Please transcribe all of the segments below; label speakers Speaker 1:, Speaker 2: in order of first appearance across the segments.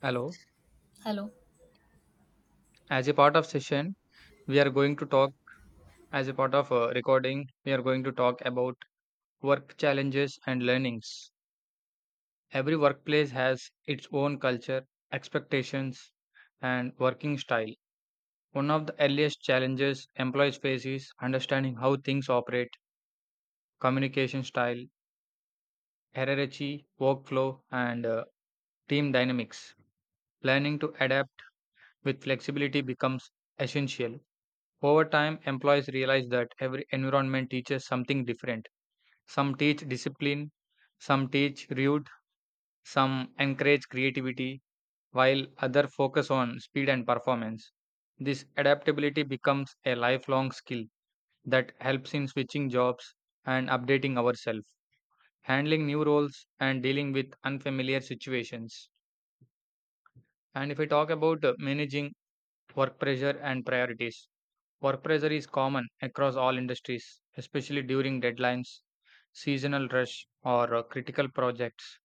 Speaker 1: Hello.
Speaker 2: Hello.
Speaker 1: As a part of session, we are going to talk as a part of recording, we are going to talk about work challenges and learnings. Every workplace has its own culture, expectations, and working style. One of the earliest challenges employees face is understanding how things operate, communication style, hierarchy, workflow, and team dynamics. Learning to adapt with flexibility becomes essential. Over time, employees realize that every environment teaches something different. Some teach discipline, some teach route, some encourage creativity, while others focus on speed and performance. This adaptability becomes a lifelong skill that helps in switching jobs and updating ourselves, handling new roles, and dealing with unfamiliar situations. And if I talk about managing work pressure and priorities. Work pressure is common across all industries, especially during deadlines, seasonal rush, or critical projects.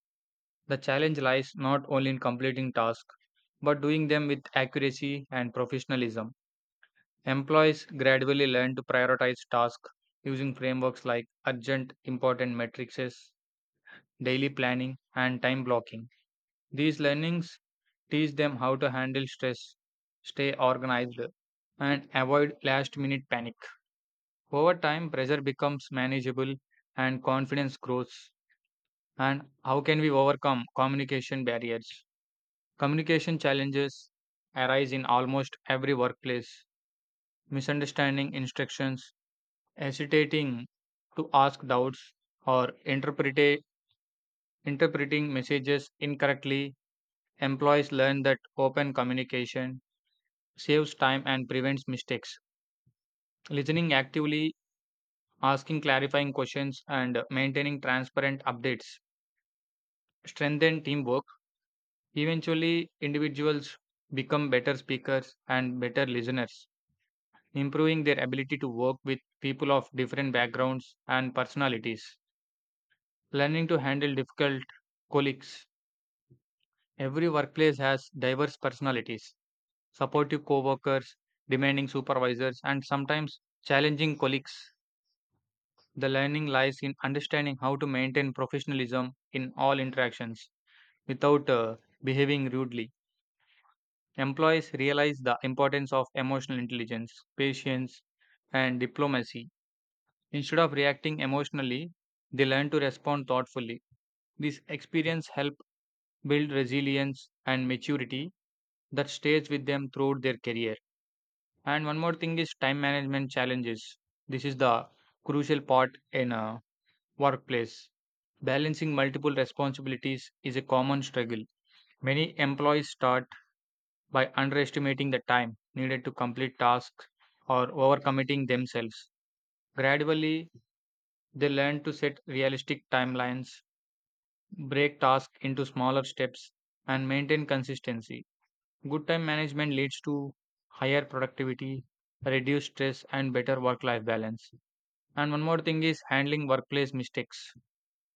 Speaker 1: The challenge lies not only in completing tasks, but doing them with accuracy and professionalism. Employees gradually learn to prioritize tasks using frameworks like urgent, important matrices, daily planning, and time blocking. These learnings teach them how to handle stress, stay organized, and avoid last minute panic. Over time, pressure becomes manageable and confidence grows. And how can we overcome communication barriers? Communication challenges arise in almost every workplace. Misunderstanding instructions, hesitating to ask doubts, or interpreting messages incorrectly. Employees learn that open communication saves time and prevents mistakes. Listening actively, asking clarifying questions, and maintaining transparent updates strengthen teamwork. Eventually, individuals become better speakers and better listeners, improving their ability to work with people of different backgrounds and personalities. Learning to handle difficult colleagues. Every workplace has diverse personalities, supportive co workers, demanding supervisors, and sometimes challenging colleagues. The learning lies in understanding how to maintain professionalism in all interactions without behaving rudely. Employees realize the importance of emotional intelligence, patience, and diplomacy. Instead of reacting emotionally, they learn to respond thoughtfully. This experience helps build resilience and maturity that stays with them throughout their career. And one more thing is time management challenges. This is the crucial part in workplace. Balancing multiple responsibilities is a common struggle. Many employees start by underestimating the time needed to complete tasks or overcommitting themselves. Gradually, they learn to set realistic timelines, break tasks into smaller steps, and maintain consistency. Good time management leads to higher productivity, reduced stress, and better work life balance. And one more thing is handling workplace mistakes.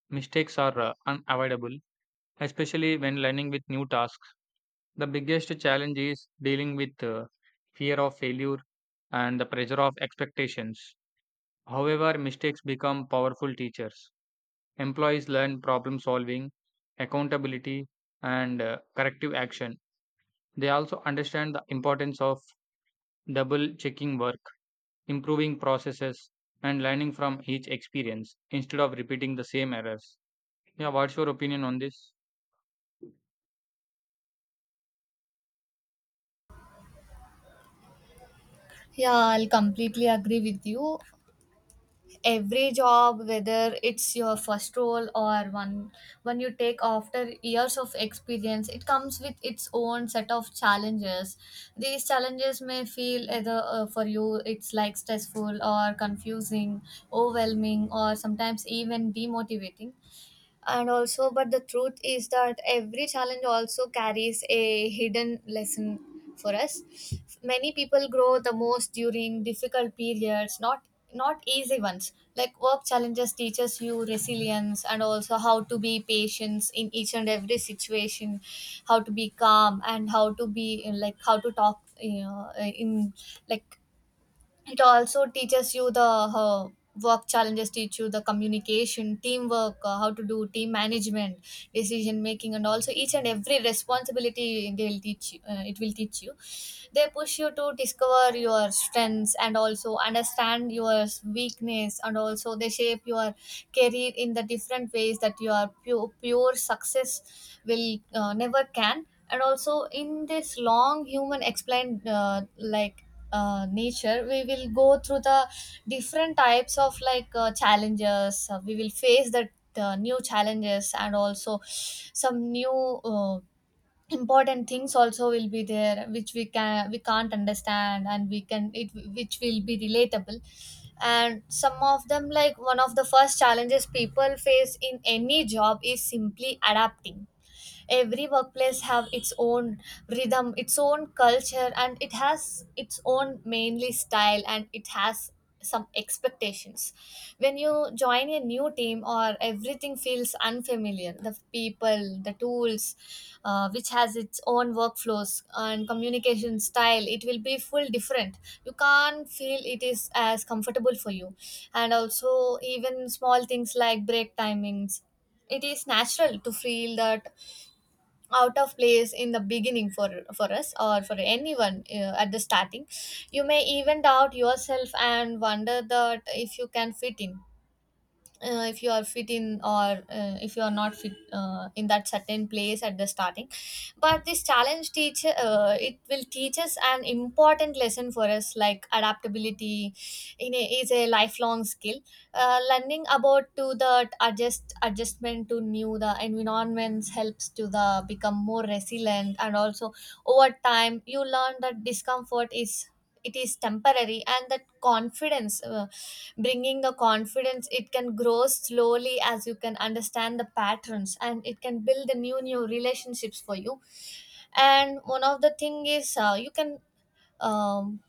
Speaker 1: Mistakes are unavoidable, especially when learning with new tasks. The biggest challenge is dealing with fear of failure and the pressure of expectations. However, mistakes become powerful teachers. Employees learn problem solving, accountability, and corrective action. They also understand the importance of double checking work, improving processes, and learning from each experience instead of repeating the same errors. Yeah, what's your opinion on this?
Speaker 2: Yeah, I'll completely agree with you. Every job, whether it's your first role or one when you take after years of experience, it comes with its own set of challenges. These challenges may feel either for you it's like stressful or confusing, overwhelming, or sometimes even demotivating. And also but the truth is that every challenge also carries a hidden lesson for us. Many people grow the most during difficult periods, not easy ones. Like, work challenges teaches you resilience and also how to be patient in each and every situation, how to be calm and how to be like how to talk, you know. In like It also teaches you the how. Work challenges teach you the communication, teamwork, how to do team management, decision making, and also each and every responsibility they will teach you. It will teach you. They push you to discover your strengths and also understand your weakness, and also they shape your career in the different ways that your pure success will never can. And also in this long human explained, nature, we will go through the different types of challenges. We will face the new challenges and also some new, uh, important things also will be there which we can't understand and we can it, which will be relatable. And some of them, like, one of the first challenges people face in any job is simply adapting. Every workplace have its own rhythm, its own culture, and it has its own mainly style, and it has some expectations. When you join a new team or everything feels unfamiliar, the people, the tools, which has its own workflows and communication style, it will be full different. You can't feel it is as comfortable for you, and also even small things like break timings. It is natural to feel that out of place in the beginning, for us or for anyone, at the starting. You may even doubt yourself and wonder that if you can fit in, if you are fit in, or if you are not fit in that certain place at the starting. But this challenge teacher, it will teach us an important lesson for us, like adaptability in a, is a lifelong skill. Learning about to the adjustment to new the environments helps to the become more resilient, and also over time you learn that discomfort is, it is temporary, and that confidence, bringing the confidence, it can grow slowly as you can understand the patterns, and it can build the new relationships for you. And one of the thing is, you can, um,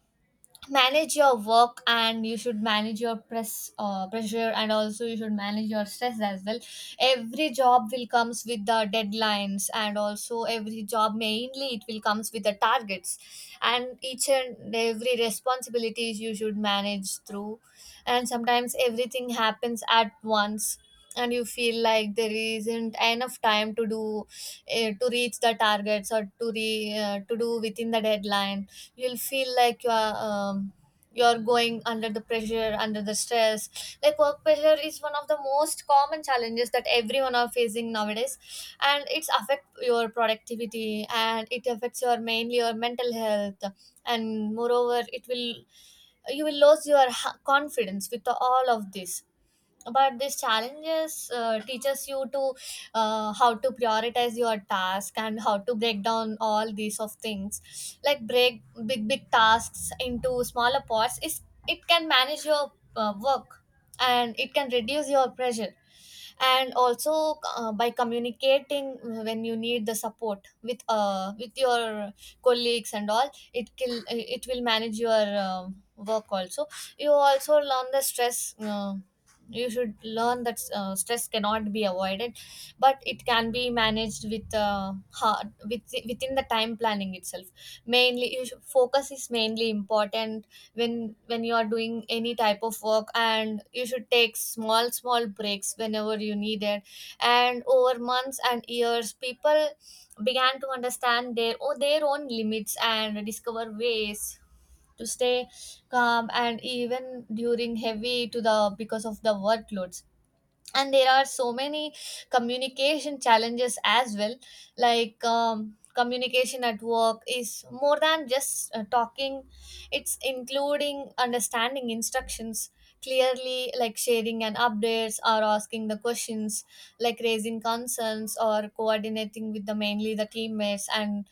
Speaker 2: manage your work, and you should manage your pressure, and also you should manage your stress as well. Every job will comes with the deadlines, and also every job mainly it will comes with the targets, and each and every responsibilities you should manage through. And sometimes everything happens at once, and you feel like there isn't enough time to do, to reach the targets or to to do within the deadline. You'll feel like you are, you're going under the pressure, under the stress. Like, work pressure is one of the most common challenges that everyone are facing nowadays, and it's affect your productivity, and it affects your mainly your mental health. And moreover it will, you will lose your confidence with all of this. But these challenges, teaches you to, how to prioritize your task and how to break down all these of things. Like, break big tasks into smaller parts is, it can manage your work, and it can reduce your pressure. And also, by communicating when you need the support with, with your colleagues and all, it will manage your, uh, work also. You also learn the stress, you should learn that stress cannot be avoided, but it can be managed with, hard, with within the time planning itself. Mainly you should, focus is mainly important. When you are doing any type of work, and you should take small breaks whenever you need it. And over months and years, people began to understand their or their own limits and discover ways to stay calm and even during heavy to the because of the workloads. And there are so many communication challenges as well. Like, communication at work is more than just talking. It's including understanding instructions clearly, like sharing and updates or asking the questions, like raising concerns or coordinating with the mainly the teammates, and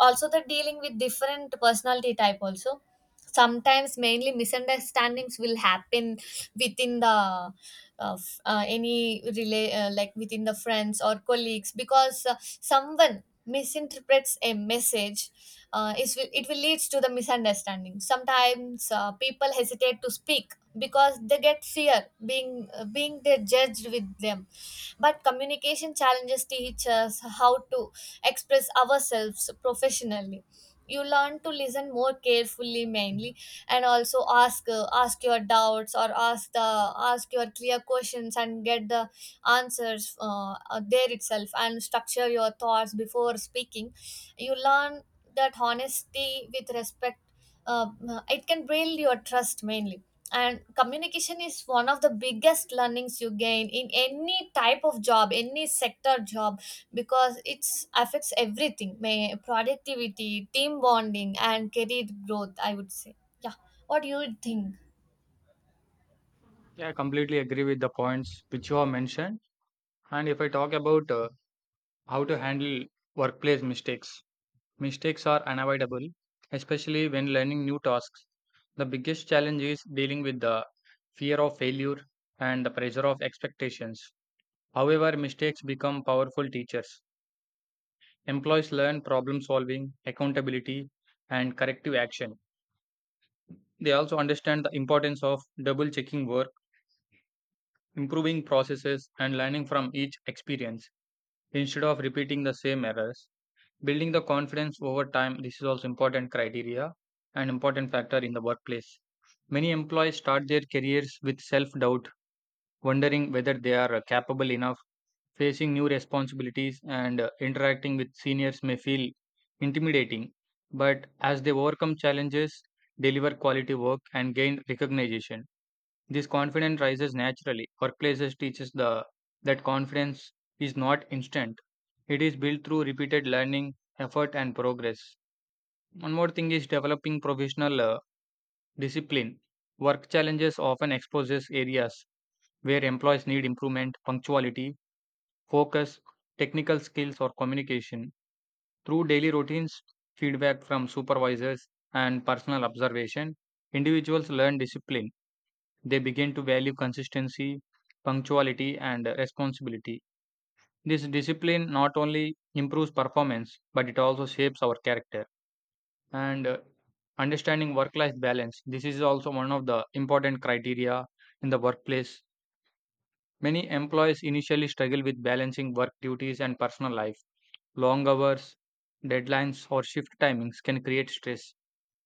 Speaker 2: also the dealing with different personality type also. Sometimes mainly misunderstandings will happen within the, any relay like within the friends or colleagues, because someone misinterprets a message, it will leads to the misunderstanding. Sometimes people hesitate to speak because they get fear being, being they judged with them. But communication challenges teach us how to express ourselves professionally. You learn to listen more carefully, mainly, and also ask, ask your doubts or ask the, ask your clear questions and get the answers there itself, and structure your thoughts before speaking. You learn that honesty with respect, uh, it can build your trust mainly. And communication is one of the biggest learnings you gain in any type of job, any sector job, because it affects everything, may productivity, team bonding, and career growth, I would say. Yeah. What do you think?
Speaker 1: Yeah, I completely agree with the points which you have mentioned. And if I talk about how to handle workplace mistakes, mistakes are unavoidable, especially when learning new tasks. The biggest challenge is dealing with the fear of failure and the pressure of expectations. However, mistakes become powerful teachers. Employees learn problem solving, accountability, and corrective action. They also understand the importance of double checking work, improving processes, and learning from each experience instead of repeating the same errors. Building the confidence over time, this is also important criteria and important factor in the workplace. Many employees start their careers with self-doubt, wondering whether they are capable enough. Facing new responsibilities and interacting with seniors may feel intimidating, but as they overcome challenges, deliver quality work and gain recognition, this confidence rises naturally. Workplaces teaches the that confidence is not instant. It is built through repeated learning, effort, and progress. One more thing is developing professional discipline. Work challenges often exposes areas where employees need improvement, punctuality, focus, technical skills, or communication. Through daily routines, feedback from supervisors, and personal observation, individuals learn discipline. They begin to value consistency, punctuality, and responsibility. This discipline not only improves performance, but it also shapes our character. And Understanding work life balance, this is also one of the important criteria in the workplace. Many employees initially struggle with balancing work duties and personal life. Long hours, deadlines, or shift timings can create stress.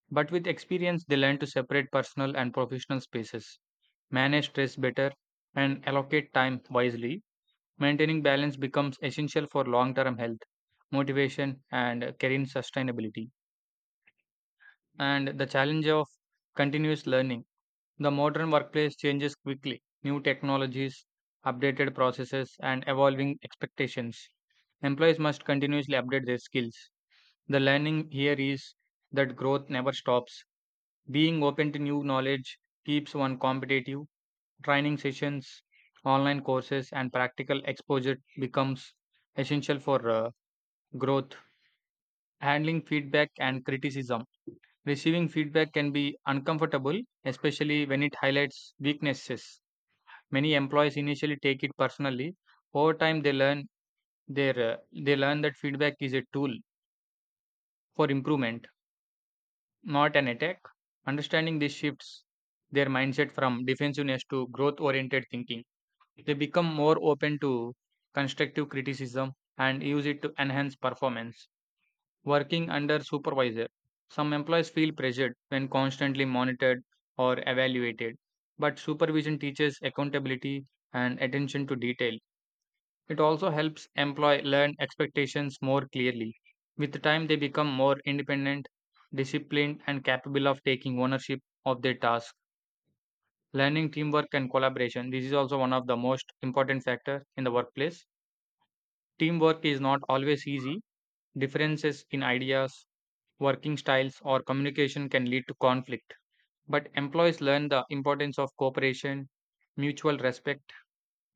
Speaker 1: But with experience, they learn to separate personal and professional spaces, manage stress better, and allocate time wisely. Maintaining balance becomes essential for long term health, motivation, and career sustainability. And the challenge of continuous learning. The modern workplace changes quickly, new technologies, updated processes, and evolving expectations. Employees must continuously update their skills. The learning here is that growth never stops. Being open to new knowledge keeps one competitive. Training sessions, online courses, and practical exposure becomes essential for growth. Handling feedback and criticism. Receiving feedback can be uncomfortable, especially when it highlights weaknesses. Many employees initially take it personally. Over time, they learn that feedback is a tool for improvement, not an attack. Understanding this shifts their mindset from defensiveness to growth oriented thinking. They become more open to constructive criticism and use it to enhance performance. Working under supervisor, some employees feel pressured when constantly monitored or evaluated, but supervision teaches accountability and attention to detail. It also helps employee learn expectations more clearly. With time, they become more independent, disciplined, and capable of taking ownership of their tasks. Learning teamwork and collaboration. This is also one of the most important factors in the workplace. Teamwork is not always easy. Differences in ideas, working styles, or communication can lead to conflict. But employees learn the importance of cooperation, mutual respect,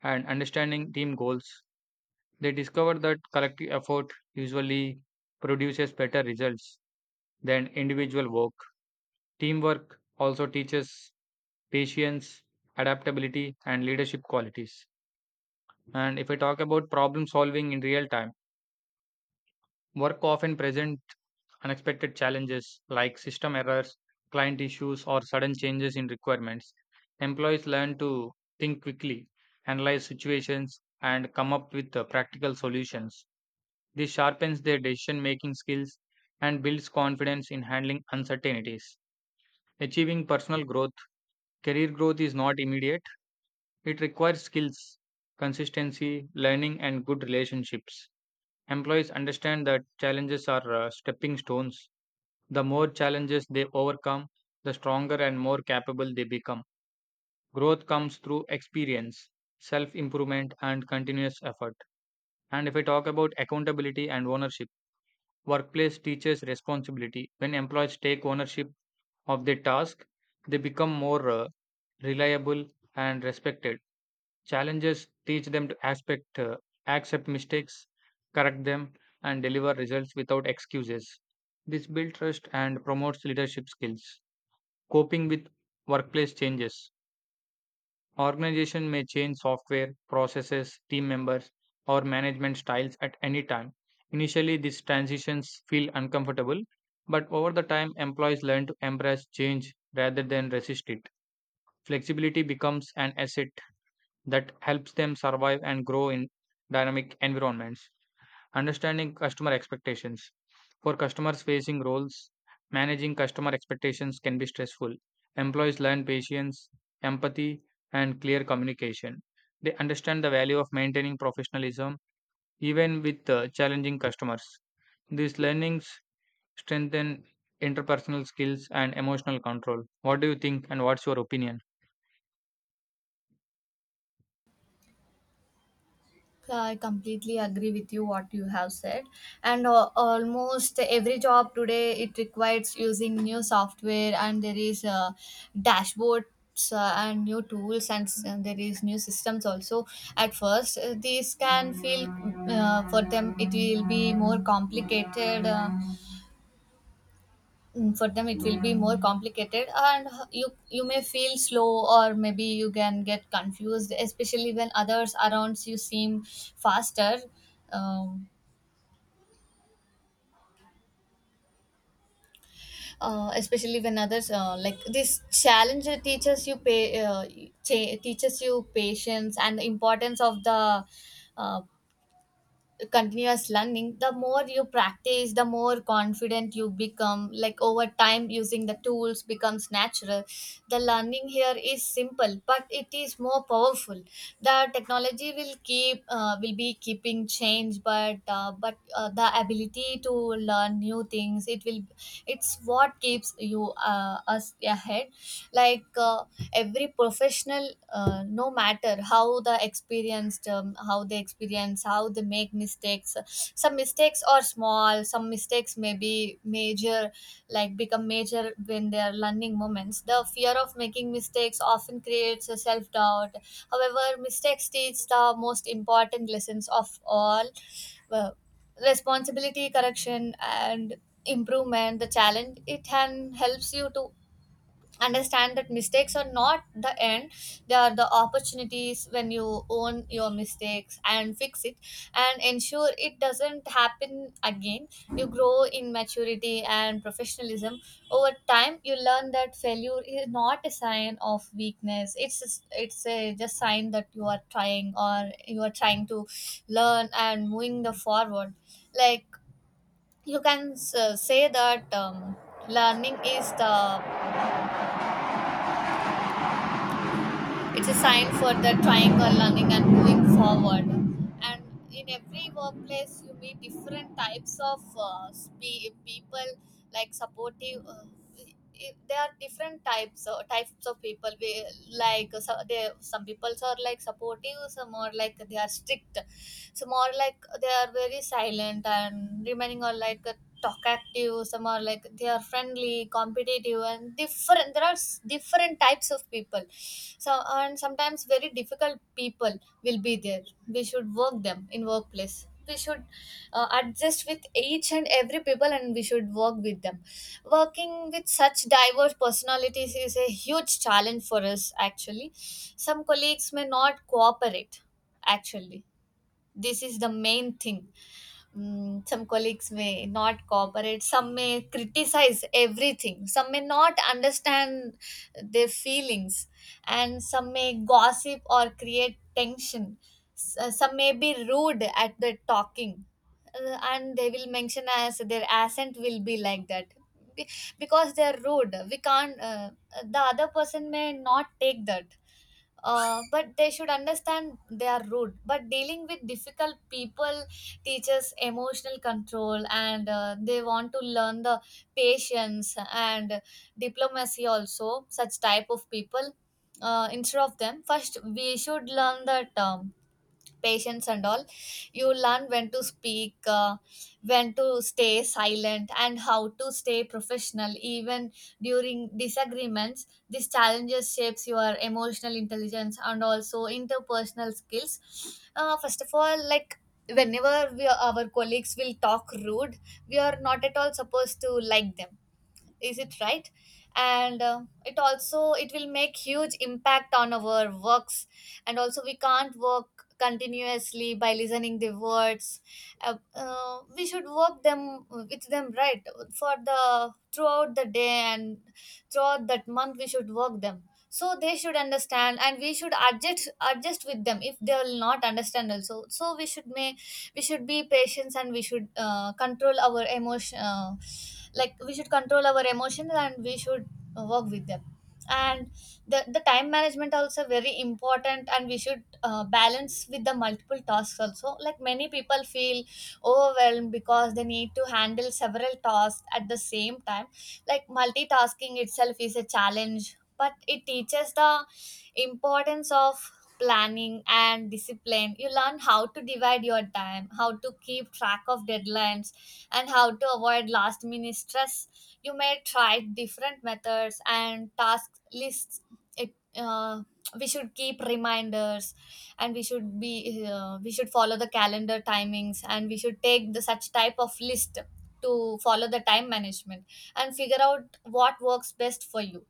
Speaker 1: and understanding team goals. They discover that collective effort usually produces better results than individual work. Teamwork also teaches patience, adaptability, and leadership qualities. And if I talk about problem solving in real time, work often present unexpected challenges like system errors, client issues, or sudden changes in requirements. Employees learn to think quickly, analyze situations, and come up with practical solutions. This sharpens their decision making skills and builds confidence in handling uncertainties. Achieving personal growth, career growth is not immediate, it requires skills, consistency, learning, and good relationships. Employees understand that challenges are stepping stones. The more challenges they overcome, the stronger and more capable they become. Growth comes through experience, self improvement, and continuous effort. And if I talk about accountability and ownership, workplace teaches responsibility. When employees take ownership of their task, they become more reliable and respected. Challenges teach them to accept mistakes, correct them, and deliver results without excuses. This builds trust and promotes leadership skills. Coping with workplace changes. Organization may change software, processes, team members, or management styles at any time. Initially, these transitions feel uncomfortable, but over the time, employees learn to embrace change rather than resist it. Flexibility becomes an asset that helps them survive and grow in dynamic environments. Understanding customer expectations for customers facing roles, managing customer expectations can be stressful. Employees learn patience, empathy, and clear communication. They understand the value of maintaining professionalism even with challenging customers. These learnings strengthen interpersonal skills and emotional control. What do you think and what's your opinion?
Speaker 2: I completely agree with you what you have said. And almost every job today it requires using new software, and there is dashboards and new tools, and, and there is new systems also. At first, these can feel, for them it will be more complicated. For them it will be more complicated, and you may feel slow, or maybe you can get confused, especially when others around you seem faster. um, Especially when others, like, this challenge teaches you teaches you patience and the importance of the, uh, continuous learning. The more you practice, the more confident you become. Like, over time using the tools becomes natural. The learning here is simple, but it is more powerful. The technology will keep, will be keeping change, but the ability to learn new things, it will, it's what keeps you us ahead. Like, every professional, no matter how the experienced, how they experience, how they make mistakes. Some mistakes are small, some mistakes may be major, like become major when they are learning moments. The fear of making mistakes often creates a self-doubt. However, mistakes teach the most important lessons of all. uh, Responsibility, correction, and improvement. The challenge it can helps you to understand that mistakes are not the end, they are the opportunities. When you own your mistakes and fix it and ensure it doesn't happen again, you grow in maturity and professionalism. Over time you learn that failure is not a sign of weakness, it's a just sign that you are trying, or you are trying to learn and moving the forward. Like, you can say that, learning is the, it's a sign for the trying or learning and moving forward. And in every workplace you meet different types of people, like supportive, i- there are different types, types of people we, like uh, so they, some people are like supportive, some are like they are strict, some are like they are very silent, and remaining are like talkative, some are like they are friendly, competitive, and different. There are different types of people. So and sometimes very difficult people will be there. We should work them in workplace. We should adjust with each and every people, and we should work with them. Working with such diverse personalities is a huge challenge for us. Actually some colleagues may not cooperate. Actually this is the main thing. Mm, some colleagues may not cooperate, some may criticize everything, some may not understand their feelings, and some may gossip or create tension. Some may be rude at the talking, and they will mention as their accent will be like that. Be- Because they are rude, we can't. The other person may not take that, but they should understand they are rude. But dealing with difficult people teaches emotional control, and they want to learn the patience and diplomacy also such type of people. Instead of them, first we should learn that patience and all. You learn when to speak, when to stay silent, and how to stay professional even during disagreements. These challenges shapes your emotional intelligence and also interpersonal skills. First of all, like, whenever we our colleagues will talk rude, we are not at all supposed to like them, is it right? And it also it will make huge impact on our works. And also we can't work continuously by listening the words. We should work them, with them, right? For the throughout the day and throughout that month we should work them, so they should understand. And we should adjust with them. If they will not understand also, so we should make, we should be patient, and we should control our emotion. Like, we should control our emotions and we should work with them. And the time management also very important, and we should balance with the multiple tasks also. Like, many people feel overwhelmed because they need to handle several tasks at the same time. Like multitasking itself is a challenge, but it teaches the importance of planning and discipline. You learn how to divide your time, how to keep track of deadlines, and how to avoid last minute stress. You may try different methods and task lists. it, uh, we should keep reminders, and we should be we should follow the calendar timings, and we should take the such type of list to follow the time management and figure out what works best for you.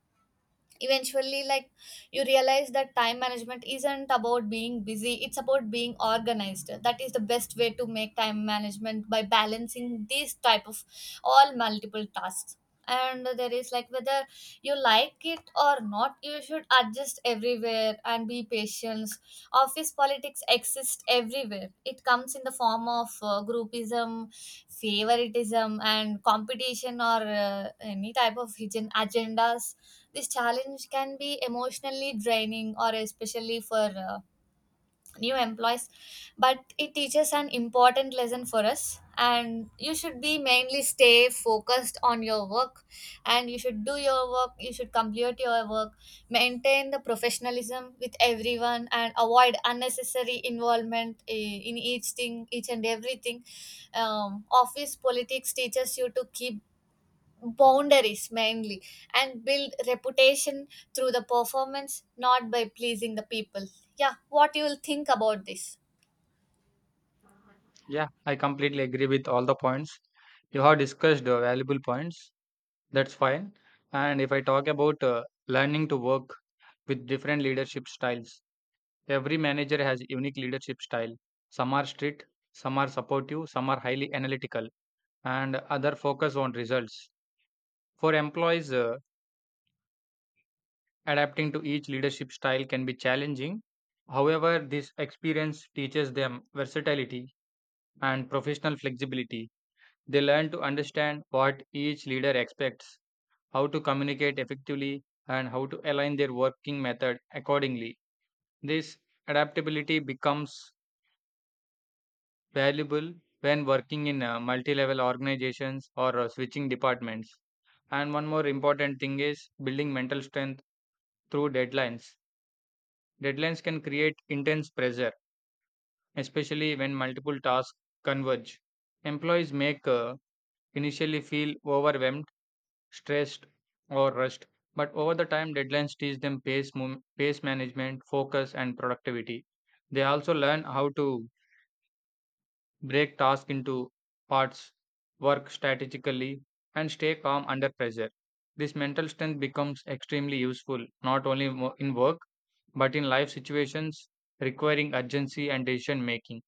Speaker 2: Eventually, like, you realize that time management isn't about being busy, it's about being organized. That is the best way to make time management, by balancing these type of all multiple tasks. And there is like, whether you like it or not, you should adjust everywhere and be patient. Office politics exist everywhere. It comes in the form of groupism, favoritism, and competition, or any type of hidden agendas. This challenge can be emotionally draining, or especially for new employees, but it teaches an important lesson for us. And you should be mainly stay focused on your work, and you should do your work, you should complete your work, maintain the professionalism with everyone, and avoid unnecessary involvement in each thing, each and everything. Office politics teaches you to keep boundaries mainly, and build reputation through the performance, not by pleasing the people. Yeah, what you will think about this?
Speaker 1: Yeah, I completely agree with all the points you have discussed. Uh, valuable points. That's fine. And if I talk about learning to work with different leadership styles, every manager has unique leadership style. Some are strict, some are supportive, some are highly analytical, and other focus on results. For employees, adapting to each leadership style can be challenging. However, this experience teaches them versatility and professional flexibility. They learn to understand what each leader expects, how to communicate effectively, and how to align their working method accordingly. This adaptability becomes valuable when working in multi level organizations or switching departments. And one more important thing is building mental strength through deadlines. Deadlines can create intense pressure, especially when multiple tasks converge. Employees make initially feel overwhelmed, stressed, or rushed, but over the time, deadlines teach them pace management, focus, and productivity. They also learn how to break tasks into parts, work strategically, and stay calm under pressure. This mental strength becomes extremely useful not only in work but in life situations requiring urgency and decision making.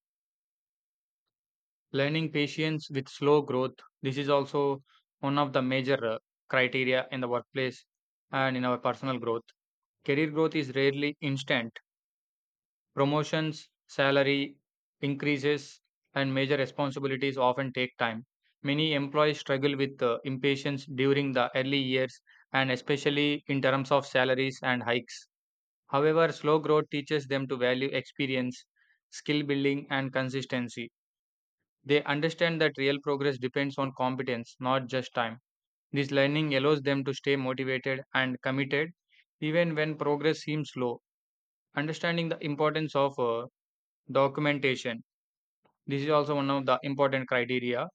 Speaker 1: Learning patience with slow growth, this is also one of the major criteria in the workplace and in our personal growth. Career growth is rarely instant. Promotions, salary increases, and major responsibilities often take time. Many employees struggle with impatience during the early years, and especially in terms of salaries and hikes. However, slow growth teaches them to value experience, skill building, and consistency. They understand that real progress depends on competence, not just time. This learning allows them to stay motivated and committed even when progress seems slow. Understanding the importance of documentation. This is also one of the important criteria.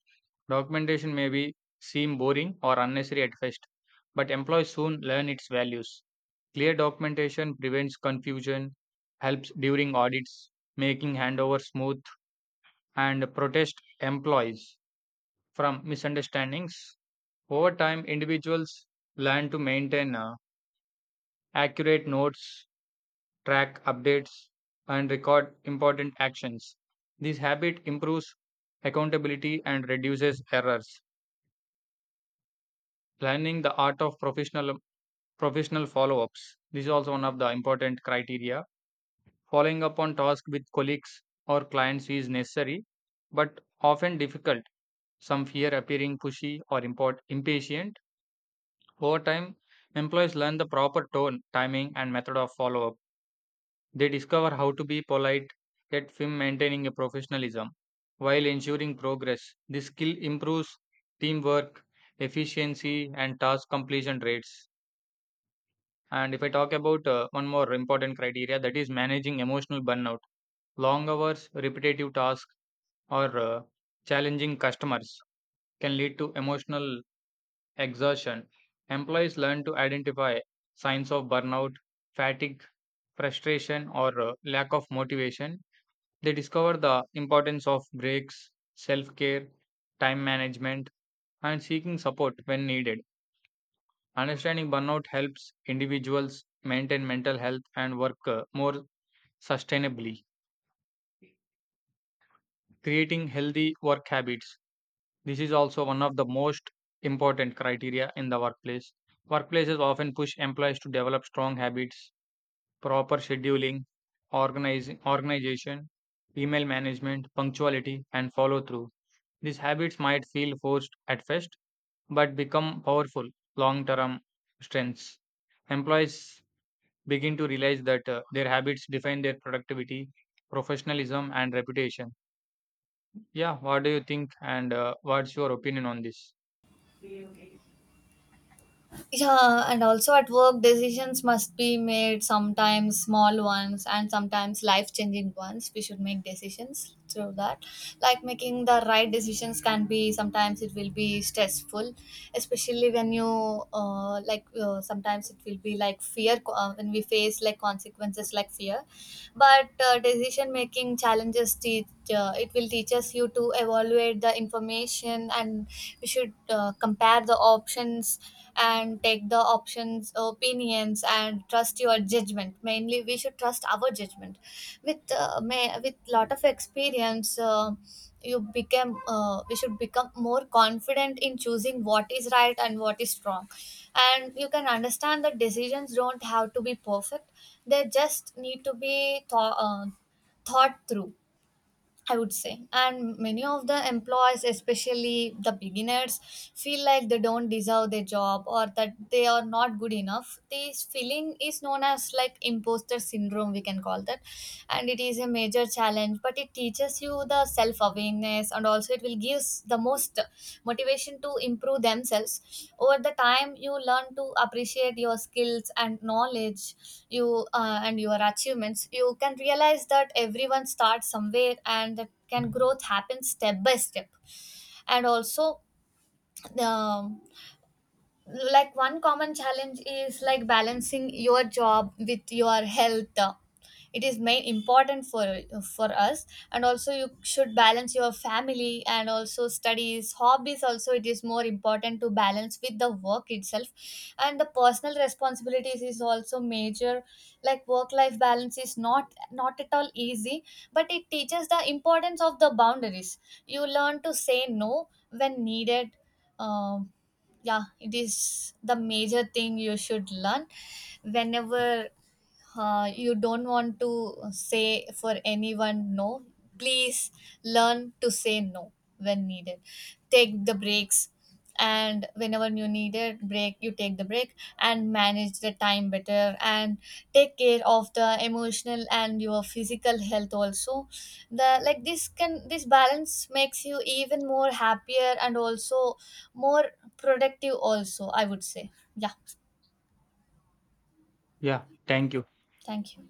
Speaker 1: Documentation may be seem boring or unnecessary at first, but employees soon learn its values. Clear documentation prevents confusion, helps during audits, making handover smooth, and protects employees from misunderstandings. Over time, individuals learn to maintain accurate notes, track updates, and record important actions. This habit improves accountability and reduces errors. Learning the art of professional follow-ups. This is also one of the important criteria. Following up on tasks with colleagues or clients is necessary, but often difficult. Some fear appearing pushy or impatient. Over time, employees learn the proper tone, timing, and method of follow up. They discover how to be polite, yet firm maintaining a professionalism while ensuring progress. This skill improves teamwork, efficiency, and task completion rates. And if I talk about one more important criteria, that is managing emotional burnout. Long hours, repetitive tasks, or challenging customers can lead to emotional exertion. Employees learn to identify signs of burnout, fatigue, frustration, or lack of motivation. They discover the importance of breaks, self care, time management, and seeking support when needed. Understanding burnout helps individuals maintain mental health and work more sustainably. Creating healthy work habits. This is also one of the most important criteria in the workplace. Workplaces often push employees to develop strong habits, proper scheduling, organization, email management, punctuality, and follow through. These habits might feel forced at first, but become powerful long term strengths. Employees begin to realize that their habits define their productivity, professionalism, and reputation. Yeah, what do you think? And what's your opinion on this?
Speaker 2: Yeah, and also at work decisions must be made, sometimes small ones and sometimes life changing ones. We should make decisions through that. Like, making the right decisions can be sometimes it will be stressful, especially when you sometimes it will be like when we face like consequences like fear. But decision making challenges teach, it will teach us you to evaluate the information, and we should compare the options, and take the options opinions and trust your judgment. Mainly we should trust our judgment. With with lot of experience, you become we should become more confident in choosing what is right and what is wrong. And you can understand that decisions don't have to be perfect, they just need to be thought through, I would say. And many of the employees, especially the beginners, feel like they don't deserve their job, or that they are not good enough. This feeling is known as like imposter syndrome, we can call that. And it is a major challenge, but it teaches you the self awareness, kindness, and also it will give the most motivation to improve themselves. Over the time, you learn to appreciate your skills and knowledge, you and your achievements. You can realize that everyone starts somewhere, and that can growth happen step by step. And also um, like, one common challenge is like balancing your job with your health. It is main important for us. And also you should balance your family, and also studies, hobbies also. It is more important to balance with the work itself, and the personal responsibilities is also major. Like, work life balance is not at all easy, but it teaches the importance of the boundaries. You learn to say no when needed. Um yeah, it is the major thing you should learn. Whenever you don't want to say for anyone no, please learn to say no when needed. Take the breaks, and whenever you need it break, you take the break, and manage the time better, and take care of the emotional and your physical health also. The Like, this can this balance makes you even more happier, and also more productive also, I would say. Yeah,
Speaker 1: Yeah, thank you.
Speaker 2: thank you.